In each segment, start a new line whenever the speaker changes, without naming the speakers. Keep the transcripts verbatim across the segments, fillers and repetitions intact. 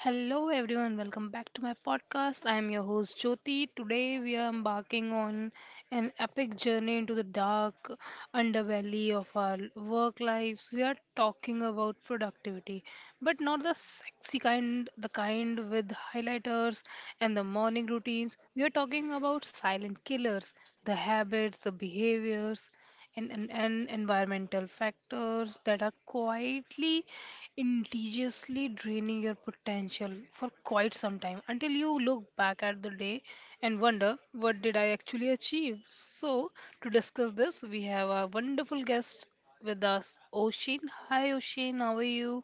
Hello everyone, welcome back to my podcast. I am your host Jyoti. Today we are embarking on an epic journey into the dark underbelly of our work lives. We are talking about productivity, but not the sexy kind, the kind with highlighters and the morning routines. We are talking about silent killers, the habits, the behaviors and, and, and environmental factors that are quietly, insidiously draining your potential for quite some time until you look back at the day and wonder, what did I actually achieve? So, to discuss this, we have a wonderful guest with us, Oshin. Hi, Oshin, how are you?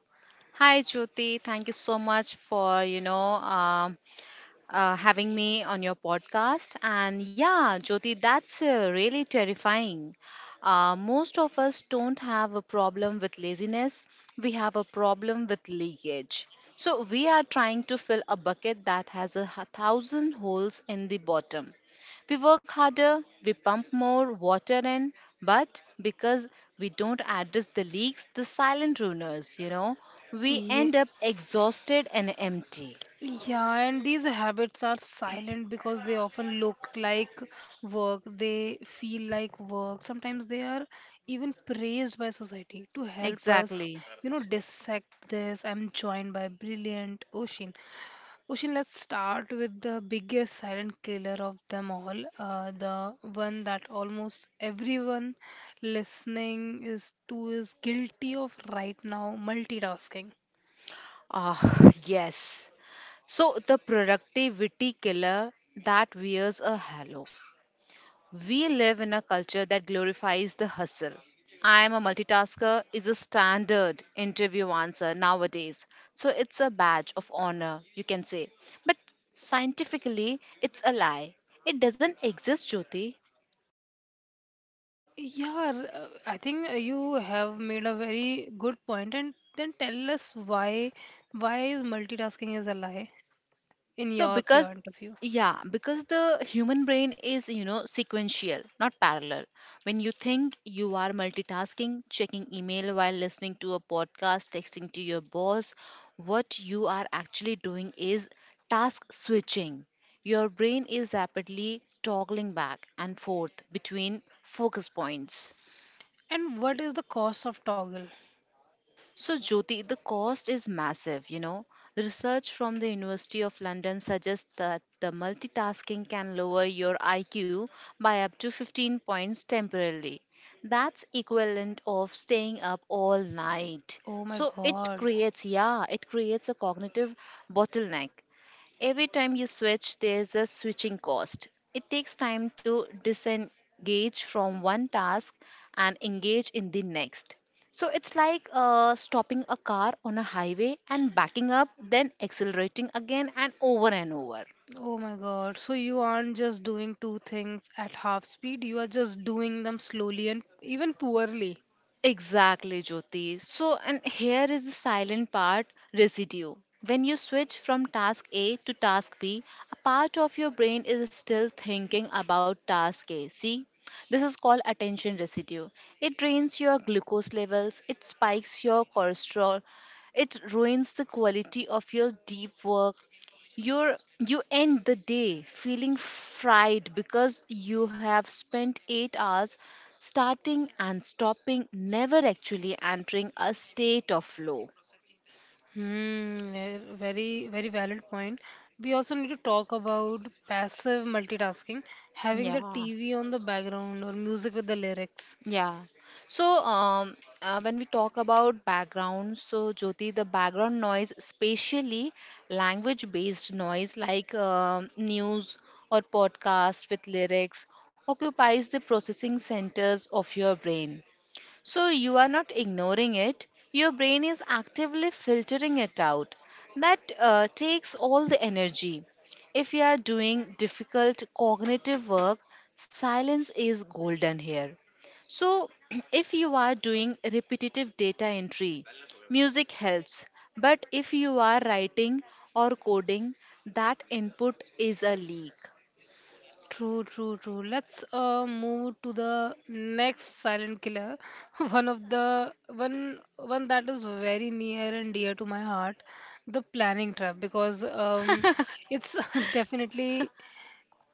Hi, Jyoti. Thank you so much for, you know, um, uh, having me on your podcast. And yeah, Jyoti, that's uh, really terrifying. Uh, most of us don't have a problem with laziness, we have a problem with leakage. So, we are trying to fill a bucket that has a h- thousand holes in the bottom. We work harder, we pump more water in, but because we don't address the leaks, the silent ruiners, you know, we
Yeah.
end up exhausted and empty.
Yeah, and these habits are silent because they often look like work, they feel like work. Sometimes they are even praised by society to help us,
Exactly.
you know, dissect this. I'm joined by brilliant Ocean. Ocean, let's start with the biggest silent killer of them all, uh, the one that almost everyone listening is to is guilty of right now, multitasking.
Ah, yes. So, the productivity killer that wears a halo. We live in a culture that glorifies the hustle. I am a multitasker is a standard interview answer nowadays. So, it's a badge of honor, you can say. But scientifically, it's a lie. It doesn't exist, Jyoti.
Yeah, r- uh, I think uh, you have made a very good point. And then tell us why why is multitasking is a lie in
So
your
because
point of view?
yeah, because the human brain is, you know, sequential, not parallel. When you think you are multitasking, checking email while listening to a podcast, texting to your boss, what you are actually doing is task switching. Your brain is rapidly toggling back and forth between focus points.
And what is the cost of toggle?
So, Jyoti, the cost is massive, you know. Research from the University of London suggests that the multitasking can lower your I Q by up to fifteen points temporarily. That's equivalent of staying up all night.
Oh my
So it
God.
creates, yeah, it creates a cognitive bottleneck. Every time you switch, there's a switching cost. It takes time to disengage from one task and engage in the next. So it's like uh, stopping a car on a highway and backing up, then accelerating again and over and over.
Oh my God. So you aren't just doing two things at half speed, you are just doing them slowly and even poorly.
Exactly, Jyoti. So, and here is the silent part residue. When you switch from task A to task B, a part of your brain is still thinking about task A. See, this is called attention residue. It drains your glucose levels, it spikes your cholesterol, it ruins the quality of your deep work you're you end the day feeling fried because you have spent eight hours starting and stopping, never actually entering a state of flow.
Hmm, eh, very, very valid point. We also need to talk about passive multitasking, having the
Yeah,
T V on the background or music with the lyrics.
yeah. So, um, uh, when we talk about background, so Jyoti, the background noise, especially language-based noise like um news or podcast with lyrics, occupies the processing centers of your brain. So you are not ignoring it, your brain is actively filtering it out. That uh, takes all the energy. If you are doing difficult cognitive work, silence is golden here. So, if you are doing repetitive data entry, music helps. But if you are writing or coding, that input is a leak.
True, true, true. Let's uh, move to the next silent killer. One of the one one that is very near and dear to my heart, the planning trap, because um, it's definitely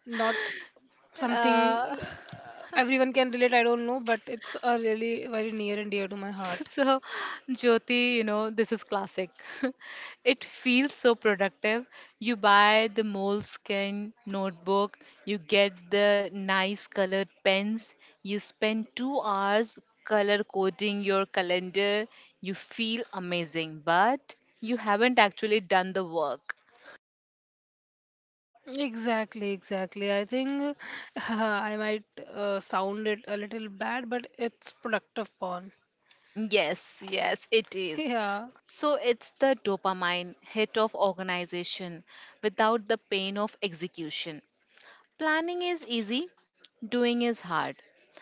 not something
Uh,
uh, everyone can relate. I don't know, but it's a really very near and dear to my heart.
So, Jyoti, you know, this is classic. It feels so productive. You buy the moleskin notebook, you get the nice colored pens, you spend two hours color coding your calendar, you feel amazing, but you haven't actually done the work.
Exactly, exactly. I think I might uh, sound it a little bad, but it's productive porn.
Yes, yes, it is.
Yeah,
So it's the dopamine hit of organization without the pain of execution. Planning is easy, doing is hard.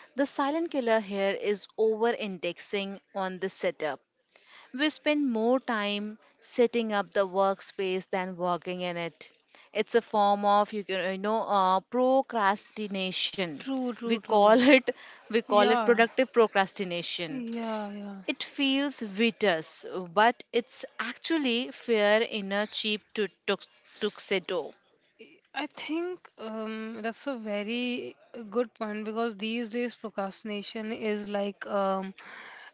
The silent killer here is over indexing on the setup. We spend more time setting up the workspace than working in it. It's a form of you can you know uh, procrastination.
true,
We
true, true.
call it we call it
Yeah,
productive procrastination.
yeah, yeah.
It feels vitus, but it's actually fear in a cheap tu- tuxedo.
I think um, that's a very good point because these days procrastination is like um,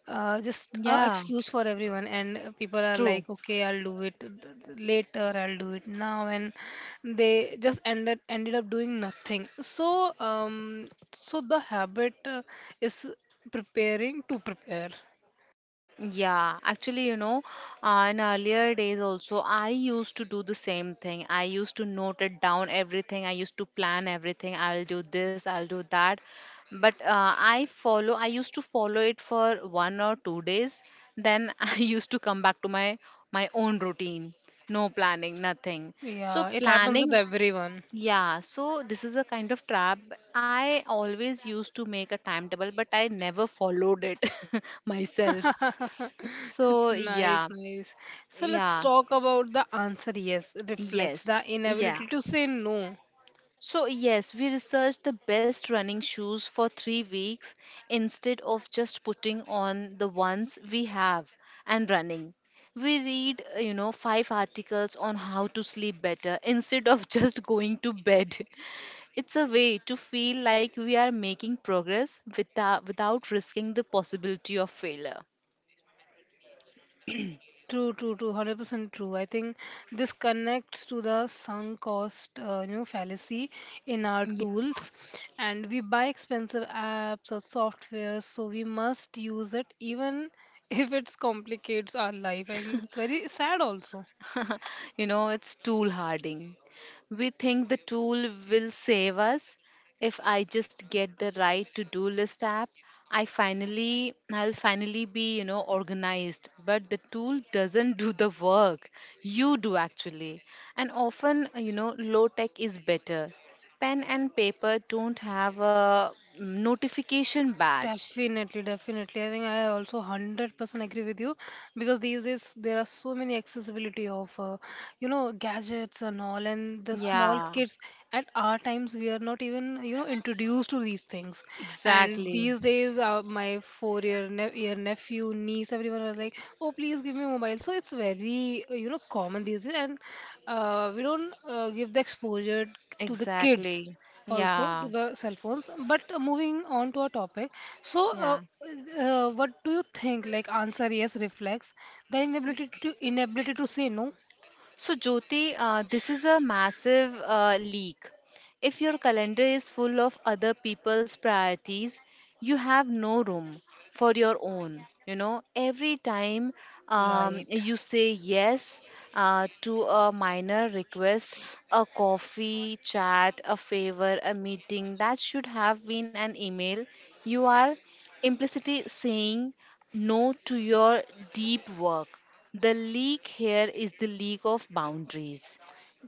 uh, just a
Yeah,
excuse for everyone, and uh, people are
true.
like, okay, I'll do it th- th- later, I'll do it now, and they just ended ended up doing nothing. So, um, so the habit uh, is preparing to prepare.
Yeah, actually, you know, uh, in earlier days also, I used to do the same thing. I used to note it down everything. I used to plan everything. I'll do this, I'll do that. But uh, I follow, I used to follow it for one or two days. Then I used to come back to my my own routine. No planning, nothing. So
Yeah, it happens with
planning,
everyone.
yeah. So this is a kind of trap. I always used to make a timetable, but I never followed it myself so
Nice,
yeah,
nice. So let's
yeah,
talk about the answer yes reflects
yes,
the
yeah.
inability to say no.
So yes, we researched the best running shoes for three weeks instead of just putting on the ones we have and running. We read, uh, you know, five articles on how to sleep better instead of just going to bed. It's a way to feel like we are making progress without without risking the possibility of failure.
True, true, true, one hundred percent true. I think this connects to the sunk cost, uh, you know, fallacy in our tools. And we buy expensive apps or software, so we must use it even if it complicates our life. And it's very sad also.
You know, it's tool harding. We think the tool will save us. If I just get the right to-do list app, I finally I'll finally be, you know, organized. But the tool doesn't do the work. You do actually. And often, you know, low tech is better. Pen and paper don't have a notification badge.
Definitely, definitely. I think I also one hundred percent agree with you because these days there are so many accessibility of uh, you know gadgets and all, and the small
Yeah,
kids at our times we are not even you know introduced to these things. And
exactly.
these days uh, my four-year ne year nephew, niece, everyone was like, "Oh, please give me a mobile." So it's very uh, you know common these days and uh, we don't uh, give the exposure to the kids,
Exactly.
also to
Yeah.
the cell phones. But uh, moving on to our topic, so uh,
Yeah.
uh, what do you think? Like answer yes reflects the inability to inability to say no.
So, Jyoti, uh, this is a massive uh, leak. If your calendar is full of other people's priorities, you have no room for your own. You know, every time um,
Right.
you say yes uh, to a minor request, a coffee, chat, a favor, a meeting that should have been an email, you are implicitly saying no to your deep work. The leak here is the leak of boundaries.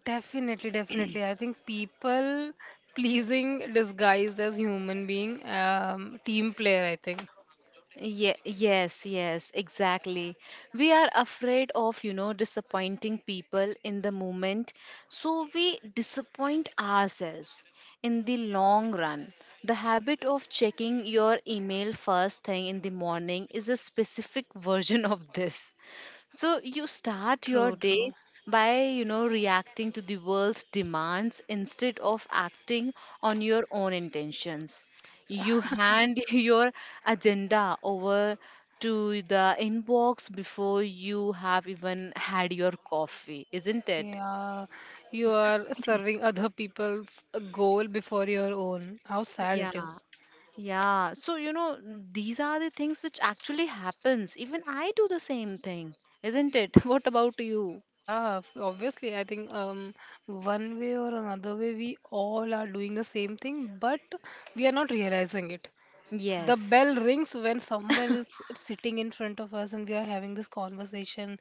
Definitely, definitely. I think people pleasing disguised as human being, um, team player, I think.
Ye- yes, yes, exactly. We are afraid of, you know, disappointing people in the moment. So we disappoint ourselves in the long run. The habit of checking your email first thing in the morning is a specific version of this. So you start your
True,
day
true.
by, you know, reacting to the world's demands instead of acting on your own intentions. You hand your agenda over to the inbox before you have even had your coffee, isn't it?
Yeah, you are serving other people's goal before your own. How sad it
Yeah.
is.
Yeah, so you know, these are the things which actually happens. Even I do the same thing, isn't it? What about you?
Yeah, f- obviously, I think um, one way or another way, we all are doing the same thing, but we are not realizing it. The
Yes.
bell rings when someone is sitting in front of us and we are having this conversation,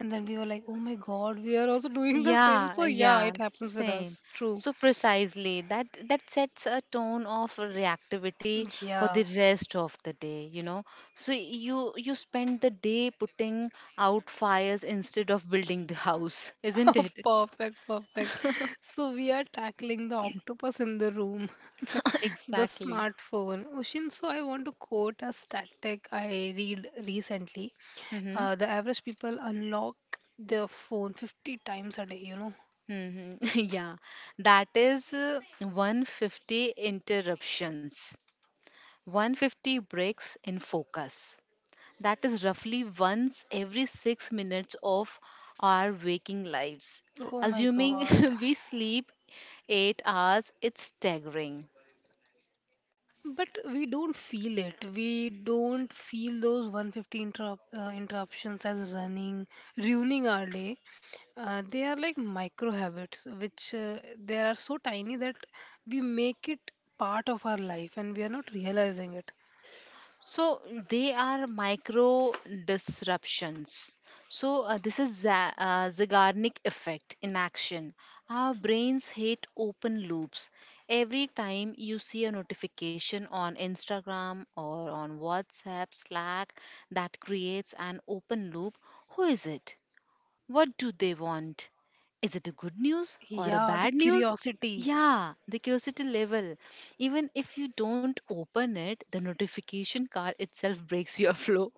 and then we were like, oh my God, we are also doing the same.
Yeah, uh,
So, yeah,
yeah,
it happens with
same.
us. True.
So precisely that that sets a tone of reactivity for
Yeah.
the rest of the day, you know. So you you spend the day putting out fires instead of building the house, isn't
Oh,
it?
perfect, perfect. So we are tackling the octopus in the room, the
Exactly.
smartphone. Ushin, so I want to quote a static I read recently.
Mm-hmm.
Uh, the average people unlock their phone fifty times a day, you know.
Mm-hmm. Yeah, that is uh, one hundred fifty interruptions, one hundred fifty breaks in focus. That is roughly once every six minutes of our waking lives.
Oh my
Assuming
God.
we sleep eight hours, it's staggering.
But we don't feel it. We don't feel those one hundred fifty interrup uh, interruptions as running, ruining our day. Uh, they are like micro habits, which uh, they are so tiny that we make it part of our life and we are not realizing it.
So, they are micro disruptions. So, uh, this is za- uh, Zeigarnik effect in action. Our brains hate open loops. Every time you see a notification on Instagram or on WhatsApp, Slack that creates an open loop, who is it? What do they want? Is it a good news or a
Yeah, the
bad news?
curiosity.
Yeah, the curiosity level. Even if you don't open it, the notification card itself breaks your flow.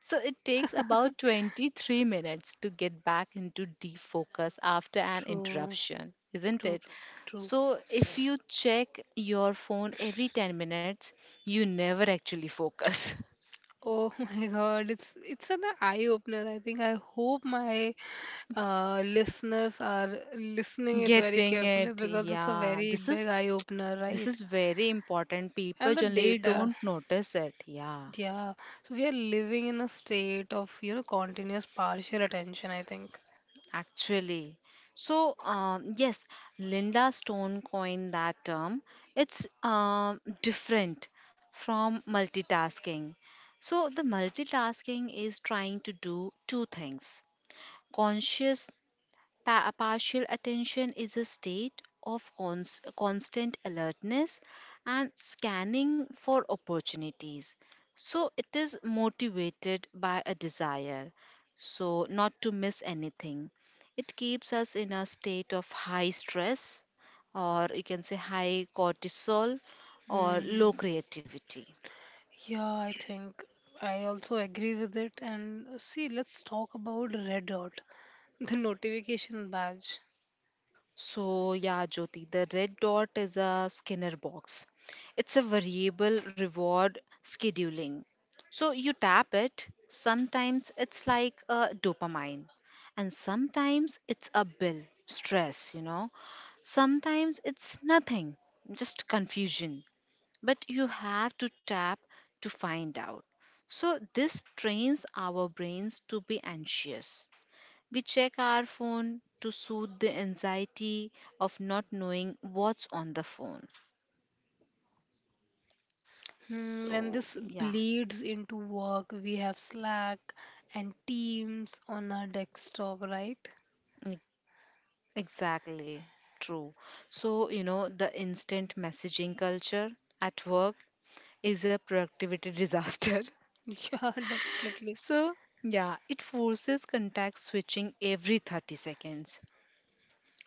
So it takes about twenty-three minutes to get back into deep focus after an
True,
interruption, isn't
true,
it?
true, true.
So if you check your phone every ten minutes, you never actually focus.
Oh my God, it's it's an eye opener. I think I hope my uh, listeners are listening it very
Getting
carefully
it.
because it's a
Yeah.
very
This
big
is
eye opener,
This
right?
is very important. People
And the
generally
data,
don't notice it. Yeah,
yeah. So we are living in a state of you know continuous partial attention, I think.
actually. So, um, yes, Linda Stone coined that term. It's um different from multitasking. So, the multitasking is trying to do two things conscious Pa- partial attention is a state of cons- constant alertness and scanning for opportunities. So it is motivated by a desire, so not to miss anything. It keeps us in a state of high stress, or you can say high cortisol or low
Hmm.
creativity.
Yeah, I think I also agree with it. And see, let's talk about Red Dot, the notification badge.
So, yeah, Jyoti, the red dot is a Skinner box. It's a variable reward scheduling. So, you tap it. Sometimes it's like a dopamine, and sometimes it's a bill, stress, you know. Sometimes it's nothing, just confusion. But you have to tap to find out. So, this trains our brains to be anxious. We check our phone to soothe the anxiety of not knowing what's on the phone.
Hmm, and
So,
this
yeah,
bleeds into work. We have Slack and Teams on our desktop, right?
e- exactly true. So, you know, the instant messaging culture at work is a productivity disaster.
Yeah, definitely.
So, yeah, it forces contact switching every thirty seconds.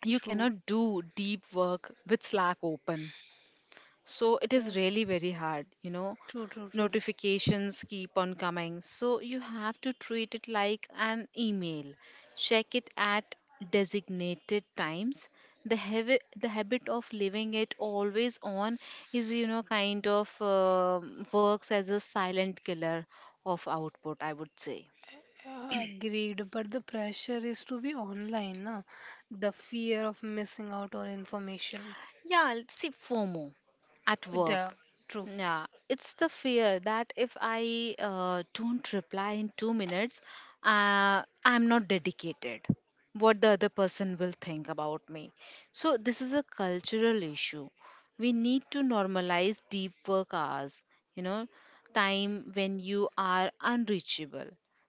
You
True.
cannot do deep work with Slack open. So it
Yeah.
is really very hard, you know,
True, true, true.
notifications keep on coming, so you have to treat it like an email, check it at designated times. The habit the habit of leaving it always on is, you know, kind of um works as a silent killer of output, I would say.
Yeah, agreed. But the pressure is to be online, na? The fear of missing out on information.
Yeah, l- see, FOMO at
Yeah,
work.
true.
Yeah, it's the fear that if I uh, don't reply in two minutes, uh, I'm not dedicated. What the other person will think about me. So, this is a cultural issue. We need to normalize deep work hours, you know, time when you are unreachable.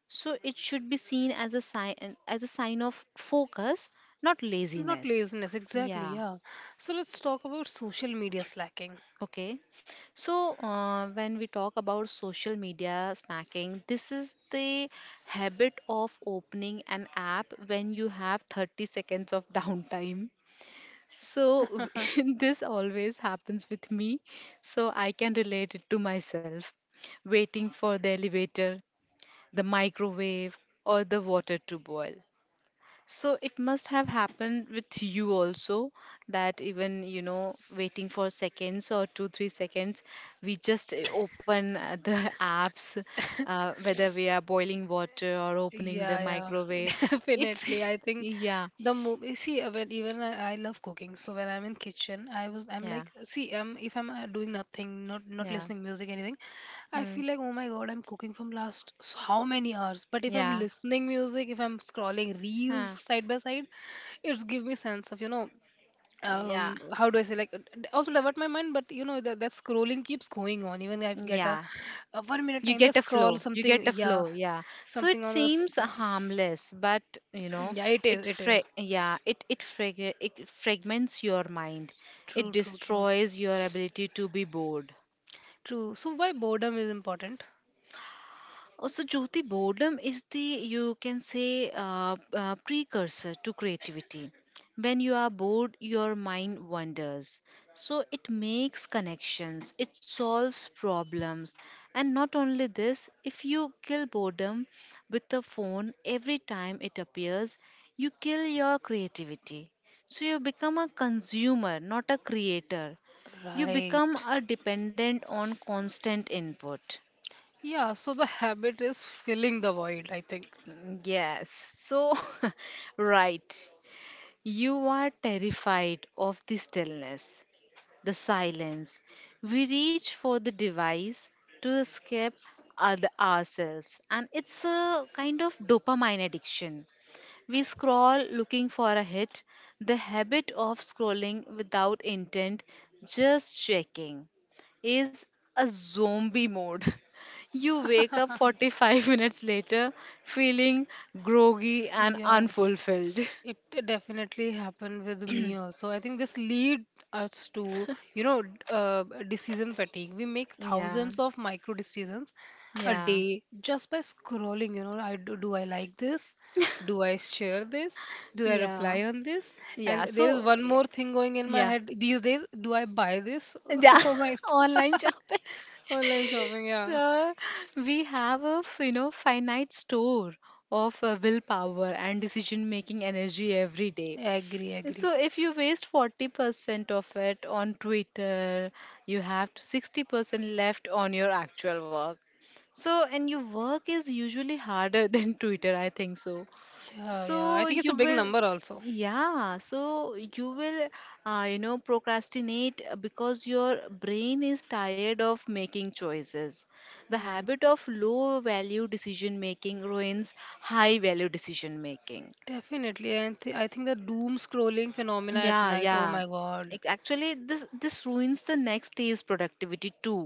So, it should be seen as a sign, as a sign of focus, not
Not
laziness.
laziness, exactly,
Yeah.
yeah. So let's talk about social media slacking.
Okay, so uh, when we talk about social media snacking, this is the habit of opening an app when you have thirty seconds of downtime. So this always happens with me, so I can relate it to myself. Waiting for the elevator, the microwave, or the water to boil. So it must have happened with you also that even, you know, waiting for seconds or two, three seconds, we just uh, open uh, the apps, uh, whether we are boiling water or opening the
Yeah, yeah,
microwave. It's,
definitely. I think
yeah,
the movie. See, uh, when even I, I love cooking. So when I'm in kitchen, I was I'm
yeah,
like, see, um, if I'm uh, doing nothing, not not
yeah,
listening music, anything, I
mm,
feel like, oh my God, I'm cooking from last so how many hours? But if I'm
yeah,
listening music, if I'm scrolling reels
huh,
side by side, it's give me sense of, you know um
yeah,
how do I say, like, uh, d- also divert my mind. But you know that, that scrolling keeps going on, even I get
yeah.
a, a one minute
You
time,
get
let's
a
scroll
flow, you get
something.
a
Yeah,
flow, yeah. So it
something on the
seems
screen.
harmless, but you know,
Yeah, it is
it
it is
fra- yeah, it it, frag- it fragments your mind. It
True, true, true,
destroys your ability to be bored.
true. So why boredom is important?
Also, Jyoti, boredom is the, you can say, uh, uh, precursor to creativity. When you are bored, your mind wanders. So it makes connections, it solves problems. And not only this, if you kill boredom with a phone every time it appears, you kill your creativity. So you become a consumer, not a creator. You become
Right.
a dependent on constant input.
Yeah, so the habit is filling the void, I think.
Yes. So, right. You are terrified of the stillness, the silence. We reach for the device to escape other ourselves, and it's a kind of dopamine addiction. We scroll looking for a hit. The habit of scrolling without intent, just checking, is a zombie mode. You wake up forty-five minutes later feeling groggy and
Yeah.
unfulfilled.
It definitely happened with me also. I think this lead us to, you know, d- uh, decision fatigue. We make
Yeah,
thousands of micro decisions a
yeah,
day just by scrolling. You know, I do, do I like this? Do I share this? Do I reply
yeah,
on this?
yeah.
And there is
So,
one more thing going in my
yeah,
head these days. Do I buy this?
yeah,
Oh my,
online shopping.
online shopping. Yeah,
So we have a f- you know, finite store of uh, willpower and decision making energy every day.
I agree, I agree.
So if you waste forty percent of it on Twitter, you have sixty percent left on your actual work. So and your work is usually harder than Twitter, I think so.
Yeah, yeah. I
So
think it's a
you
big
will,
number also.
yeah, so you will, uh, you know, procrastinate uh, because your brain is tired of making choices. The
Hmm.
habit of low value decision making ruins high value decision making.
Definitely, and th I think the doom scrolling phenomena at
Yeah,
night. Oh
yeah.
my God.
Ac- Actually, this this ruins the next day's productivity too.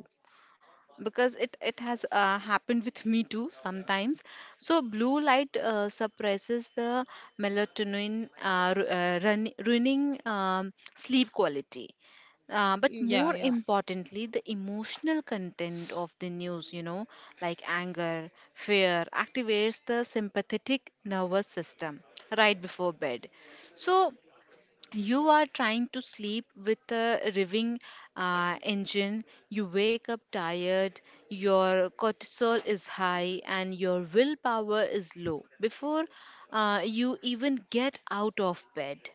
Because it it has uh, happened with me too sometimes. So blue light uh, suppresses the melatonin, uh, ru- uh, run, ruining um, sleep quality, uh, but
Yeah,
more
yeah.
importantly the emotional content of the news you know Like anger, fear activates the sympathetic nervous system right before bed. So you are trying to sleep with a revving uh, engine. You wake up tired, your cortisol is high and your willpower is low before uh, you even get out of bed.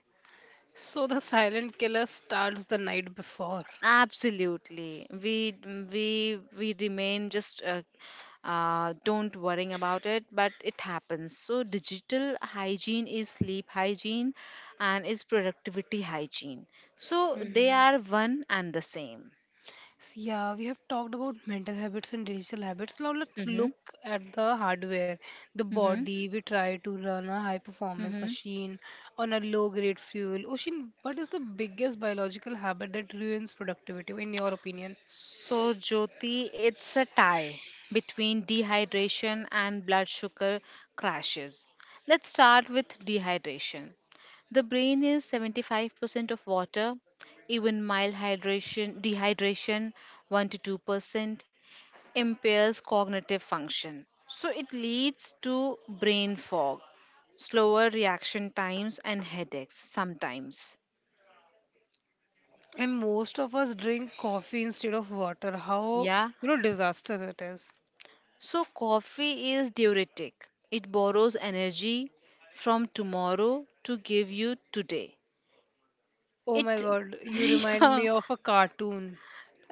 So the silent killer starts the night before.
Absolutely. We we we remain just uh, uh, don't worrying about it, but it happens. So digital hygiene is sleep hygiene and is productivity hygiene. So they
Hmm.
are one and the same.
So yeah, we have talked about mental habits and digital habits. Now let's
Mm-hmm.
look at the hardware. The
Mm-hmm.
body, we try to run a high performance
Mm-hmm.
machine on a low grade fuel. Oshin, what is the biggest biological habit that ruins productivity, in your opinion?
So, Jyoti, it's a tie between dehydration and blood sugar crashes. Let's start with dehydration. The brain is seventy-five percent of water, even mild hydration, dehydration one to two percent impairs cognitive function. So, it leads to brain fog, slower reaction times, and headaches sometimes.
And most of us drink coffee instead of water. How,
Yeah.
you know, disaster it is.
So, coffee is diuretic. It borrows energy from tomorrow to give you today.
Oh my
It,
God, you remind
yeah,
me of a cartoon.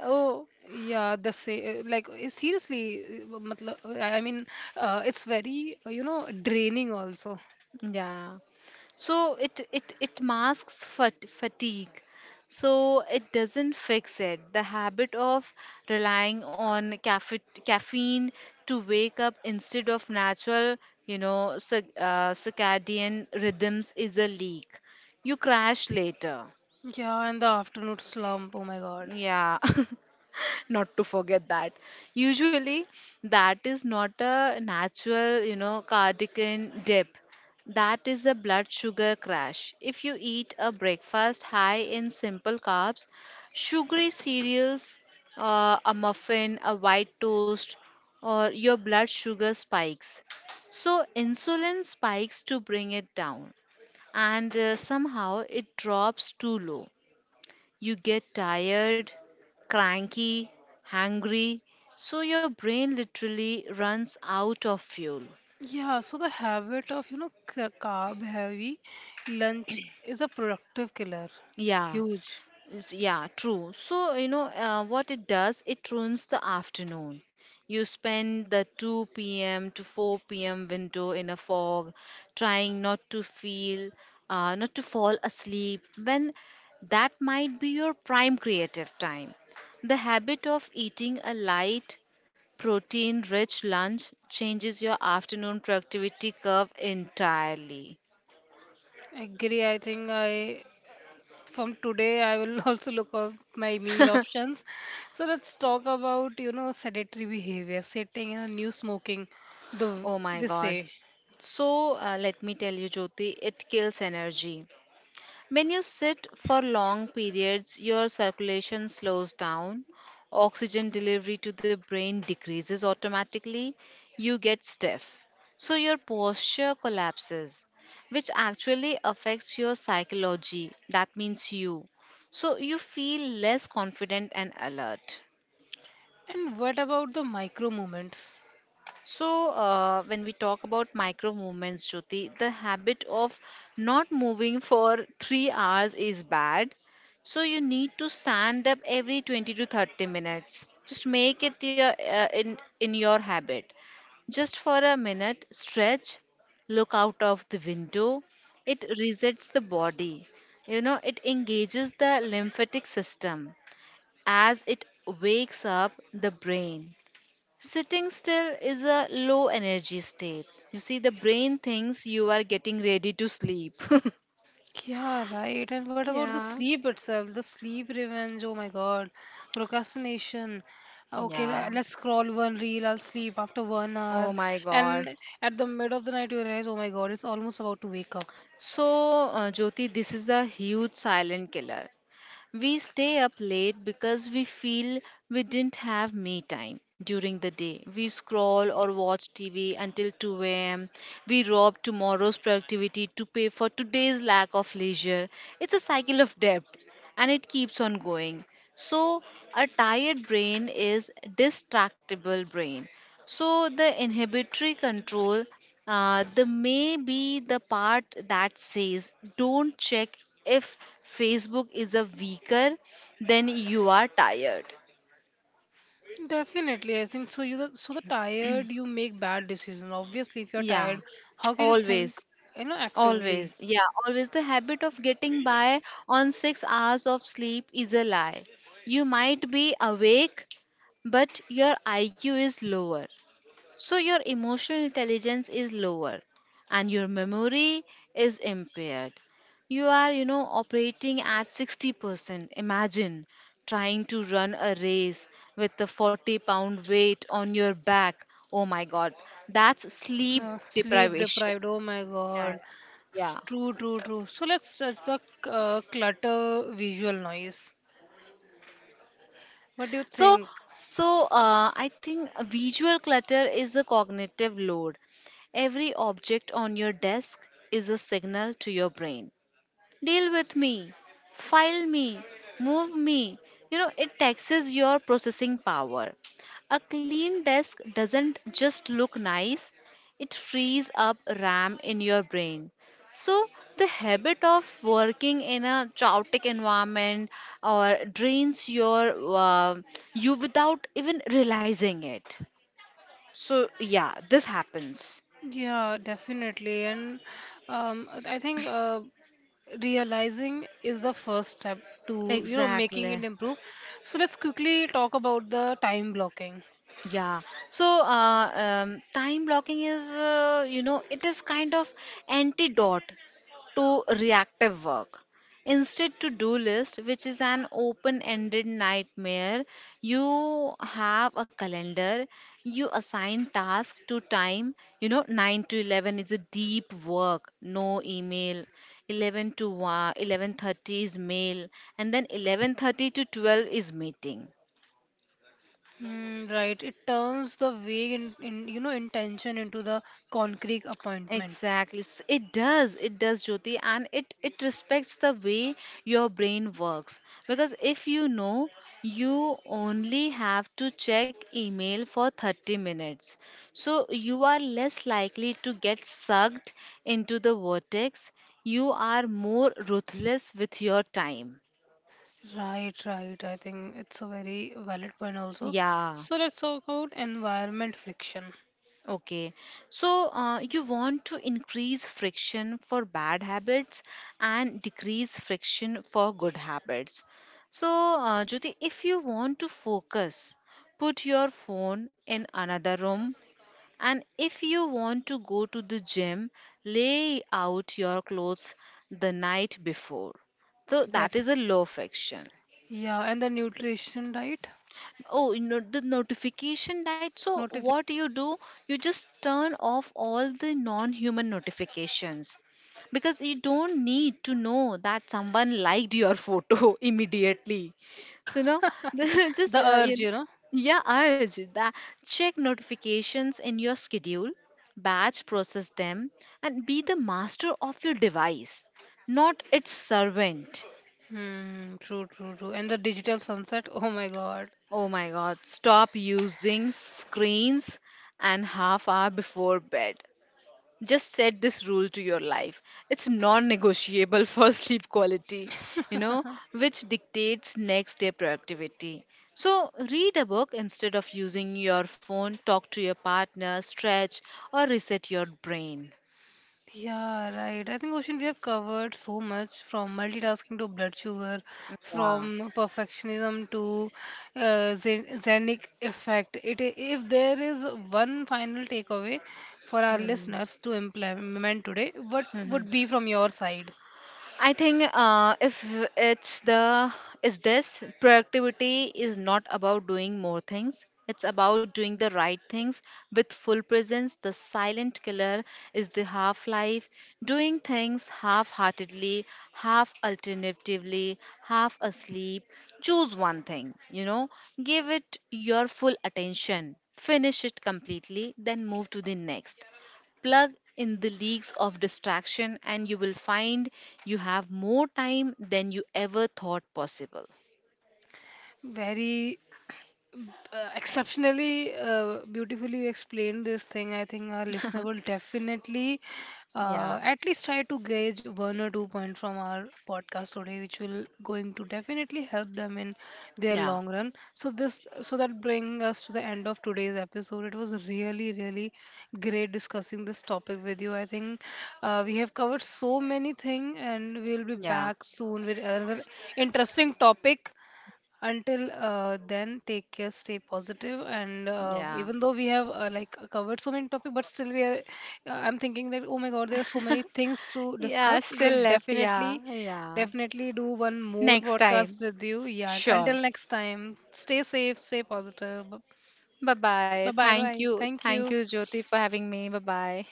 oh,
Yeah, the say like eh, seriously, eh, matlab, I I mean, uh, it's very uh, you know draining also.
yeah. So it it it masks fat- fatigue. So it doesn't fix it. The habit of relying on caffe- caffeine to wake up instead of natural, you know, circ- uh, circadian rhythms is a leak. You crash later.
Yeah, and the afternoon slump. Oh my God.
Yeah. Not to forget that usually that is not a natural, you know, cardigan dip. That is a blood sugar crash if you eat a breakfast high in simple carbs, sugary cereals, uh, a muffin, a white toast, or your blood sugar spikes. So insulin spikes to bring it down, and uh, somehow it drops too low. You get tired, cranky, hungry, so your brain literally runs out of fuel.
Yeah, so the habit of you know ca- carb heavy lunch is a productive killer.
Yeah,
Huge.
Is- yeah, true. So, you know, uh, what it does, it ruins the afternoon. You spend the two p m to four p m window in a fog, trying not to feel, uh, not to fall asleep, when that might be your prime creative time. The habit of eating a light, protein rich lunch changes your afternoon productivity curve entirely.
Agree. I think, I from today I will also look up my meal options. So let's talk about you know sedentary behavior, sitting and new smoking, the
Oh my
they say.
god. So uh, let me tell you, Jyoti, it kills energy. When you sit for long periods, your circulation slows down, oxygen delivery to the brain decreases automatically, you get stiff. So your posture collapses, which actually affects your psychology. That means you. So you feel less confident and alert.
And what about the micro moments?
So, uh, when we talk about micro movements, Jyoti, the habit of not moving for three hours is bad. So, you need to stand up every twenty to thirty minutes. Just make it your, uh, in, in your habit. Just for a minute, stretch, look out of the window. It resets the body. You know, it engages the lymphatic system as it wakes up the brain. Sitting still is a low energy state. You see, the brain thinks you are getting ready to sleep.
Yeah, right. And what about the
Yeah.
sleep itself, the sleep revenge? Oh my God. Procrastination. Okay,
Yeah.
le- let's scroll one reel, I'll sleep after one
Oh
hour
my God.
And at the mid of the night you realize, oh my God, it's almost about to wake up.
So, uh, Jyoti, this is a huge silent killer. We stay up late because we feel we didn't have me time during the day. We scroll or watch T V until two a m. We rob tomorrow's productivity to pay for today's lack of leisure. It's a cycle of debt and it keeps on going. So, a tired brain is distractible brain. So the inhibitory control, uh, the may be the part that says don't check if Facebook is a weaker, then you are tired.
Definitely, I think so. You the, so the tired you make bad decisions. Obviously, if you're
Yeah,
tired, how can you think,
always,
you know, actively?
always. Yeah, always. The habit of getting by on six hours of sleep is a lie. You might be awake, but your I Q is lower. So your emotional intelligence is lower and your memory is impaired. You are, you know, operating at sixty percent. Imagine trying to run a race with the forty pound weight on your back. Oh my god, that's sleep
Uh, sleep
deprivation.
deprived. Oh my
Yeah,
God. S-
yeah.
True, true, true. So let's touch the uh, clutter visual noise. What do you
So,
think?
so uh, I think visual clutter is a cognitive load. Every object on your desk is a signal to your brain. Deal with me, file me, move me. You know, it taxes your processing power. A clean desk doesn't just look nice, it frees up RAM in your brain. So, the habit of working in a chaotic environment or drains your uh, you without even realizing it. So, yeah, this happens.
Yeah, definitely. And um, I think uh, realizing is the first step to, you know, making it
Exactly.
improve. So let's quickly talk about the time blocking.
Yeah. So, uh, um, time blocking is, uh, you know, it is kind of antidote to reactive work. Instead, to do list, which is an open ended nightmare, you have a calendar, you assign tasks to time. You know, nine to eleven is a deep work, no email. eleven to one, eleven thirty is mail, and then eleven thirty to twelve is meeting.
Mm, right. It turns the vague in, in you know intention into the concrete appointment.
Exactly. S- It does. It does, Jyoti. And it, it respects the way your brain works. Because if you know, you only have to check email for thirty minutes. So you are less likely to get sucked into the vortex. You are more ruthless with your time.
Right, right. I think it's a very valid point also.
Yeah.
So let's talk about environment friction.
Okay, so uh, you want to increase friction for bad habits and decrease friction for good habits. So, uh, Jyoti, if you want to focus, put your phone in another room. And if you want to go to the gym, lay out your clothes the night before. So, that is
Def
a low friction.
Yeah, and the nutrition diet.
Oh, you know, the notification died. So
Notification.
what you do? You just turn off all the non-human notifications because you don't need to know that someone liked your photo immediately. So now, just
The
uh,
urge,
you,
you know.
yeah, urge that check notifications in your schedule, batch process them, and be the master of your device, not its servant.
Hmm, true, true, true. And the digital sunset. Oh my God.
Oh my god, stop using screens an half hour before bed. Just set this rule to your life. It's non negotiable for sleep quality, you know, which dictates next day productivity. So, read a book instead of using your phone, talk to your partner, stretch, or reset your brain.
Yeah, right. I think Ocean, we have covered so much, from multitasking to blood sugar, from perfectionism to uh, Zen- Zenic effect. It, if there is one final takeaway for our listeners to implement today, what
Yeah.
would be from your side?
I think uh, if it's the is this productivity is not about doing more things. It's about doing the right things with full presence. The silent killer is the half life, doing things half heartedly, half alternatively, half asleep. Choose one thing, you know, give it your full attention, finish it completely, then move to the next. Plug in the leaks of distraction, and you will find you have more time than you ever thought possible.
Very uh, exceptionally uh, beautifully you explained this thing. I think our listener will definitely
Yeah.
uh, at least try to gauge one or two points from our podcast today, which will going to definitely help them in their
Yeah,
long run. So this, so that bring us to the end of today's episode. It was really really great discussing this topic with you. I think uh, we have covered so many things, and we'll be
yeah,
back soon with another interesting topic. Until uh, then, take care, stay positive, and uh,
yeah.
even though we have uh, like covered so many topics, but still we are. Uh, I'm thinking that oh my God, there are so many things to
Yeah,
discuss.
still
We'll
left. Yeah.
definitely,
Yeah.
definitely do one more
Next
podcast
time.
with you. Yeah.
Sure.
Until next time, stay safe, stay positive.
Bye
Bye
bye.
bye
Thank
bye.
you.
Thank
Thank
you.
you, Jyoti, for having me. Bye bye.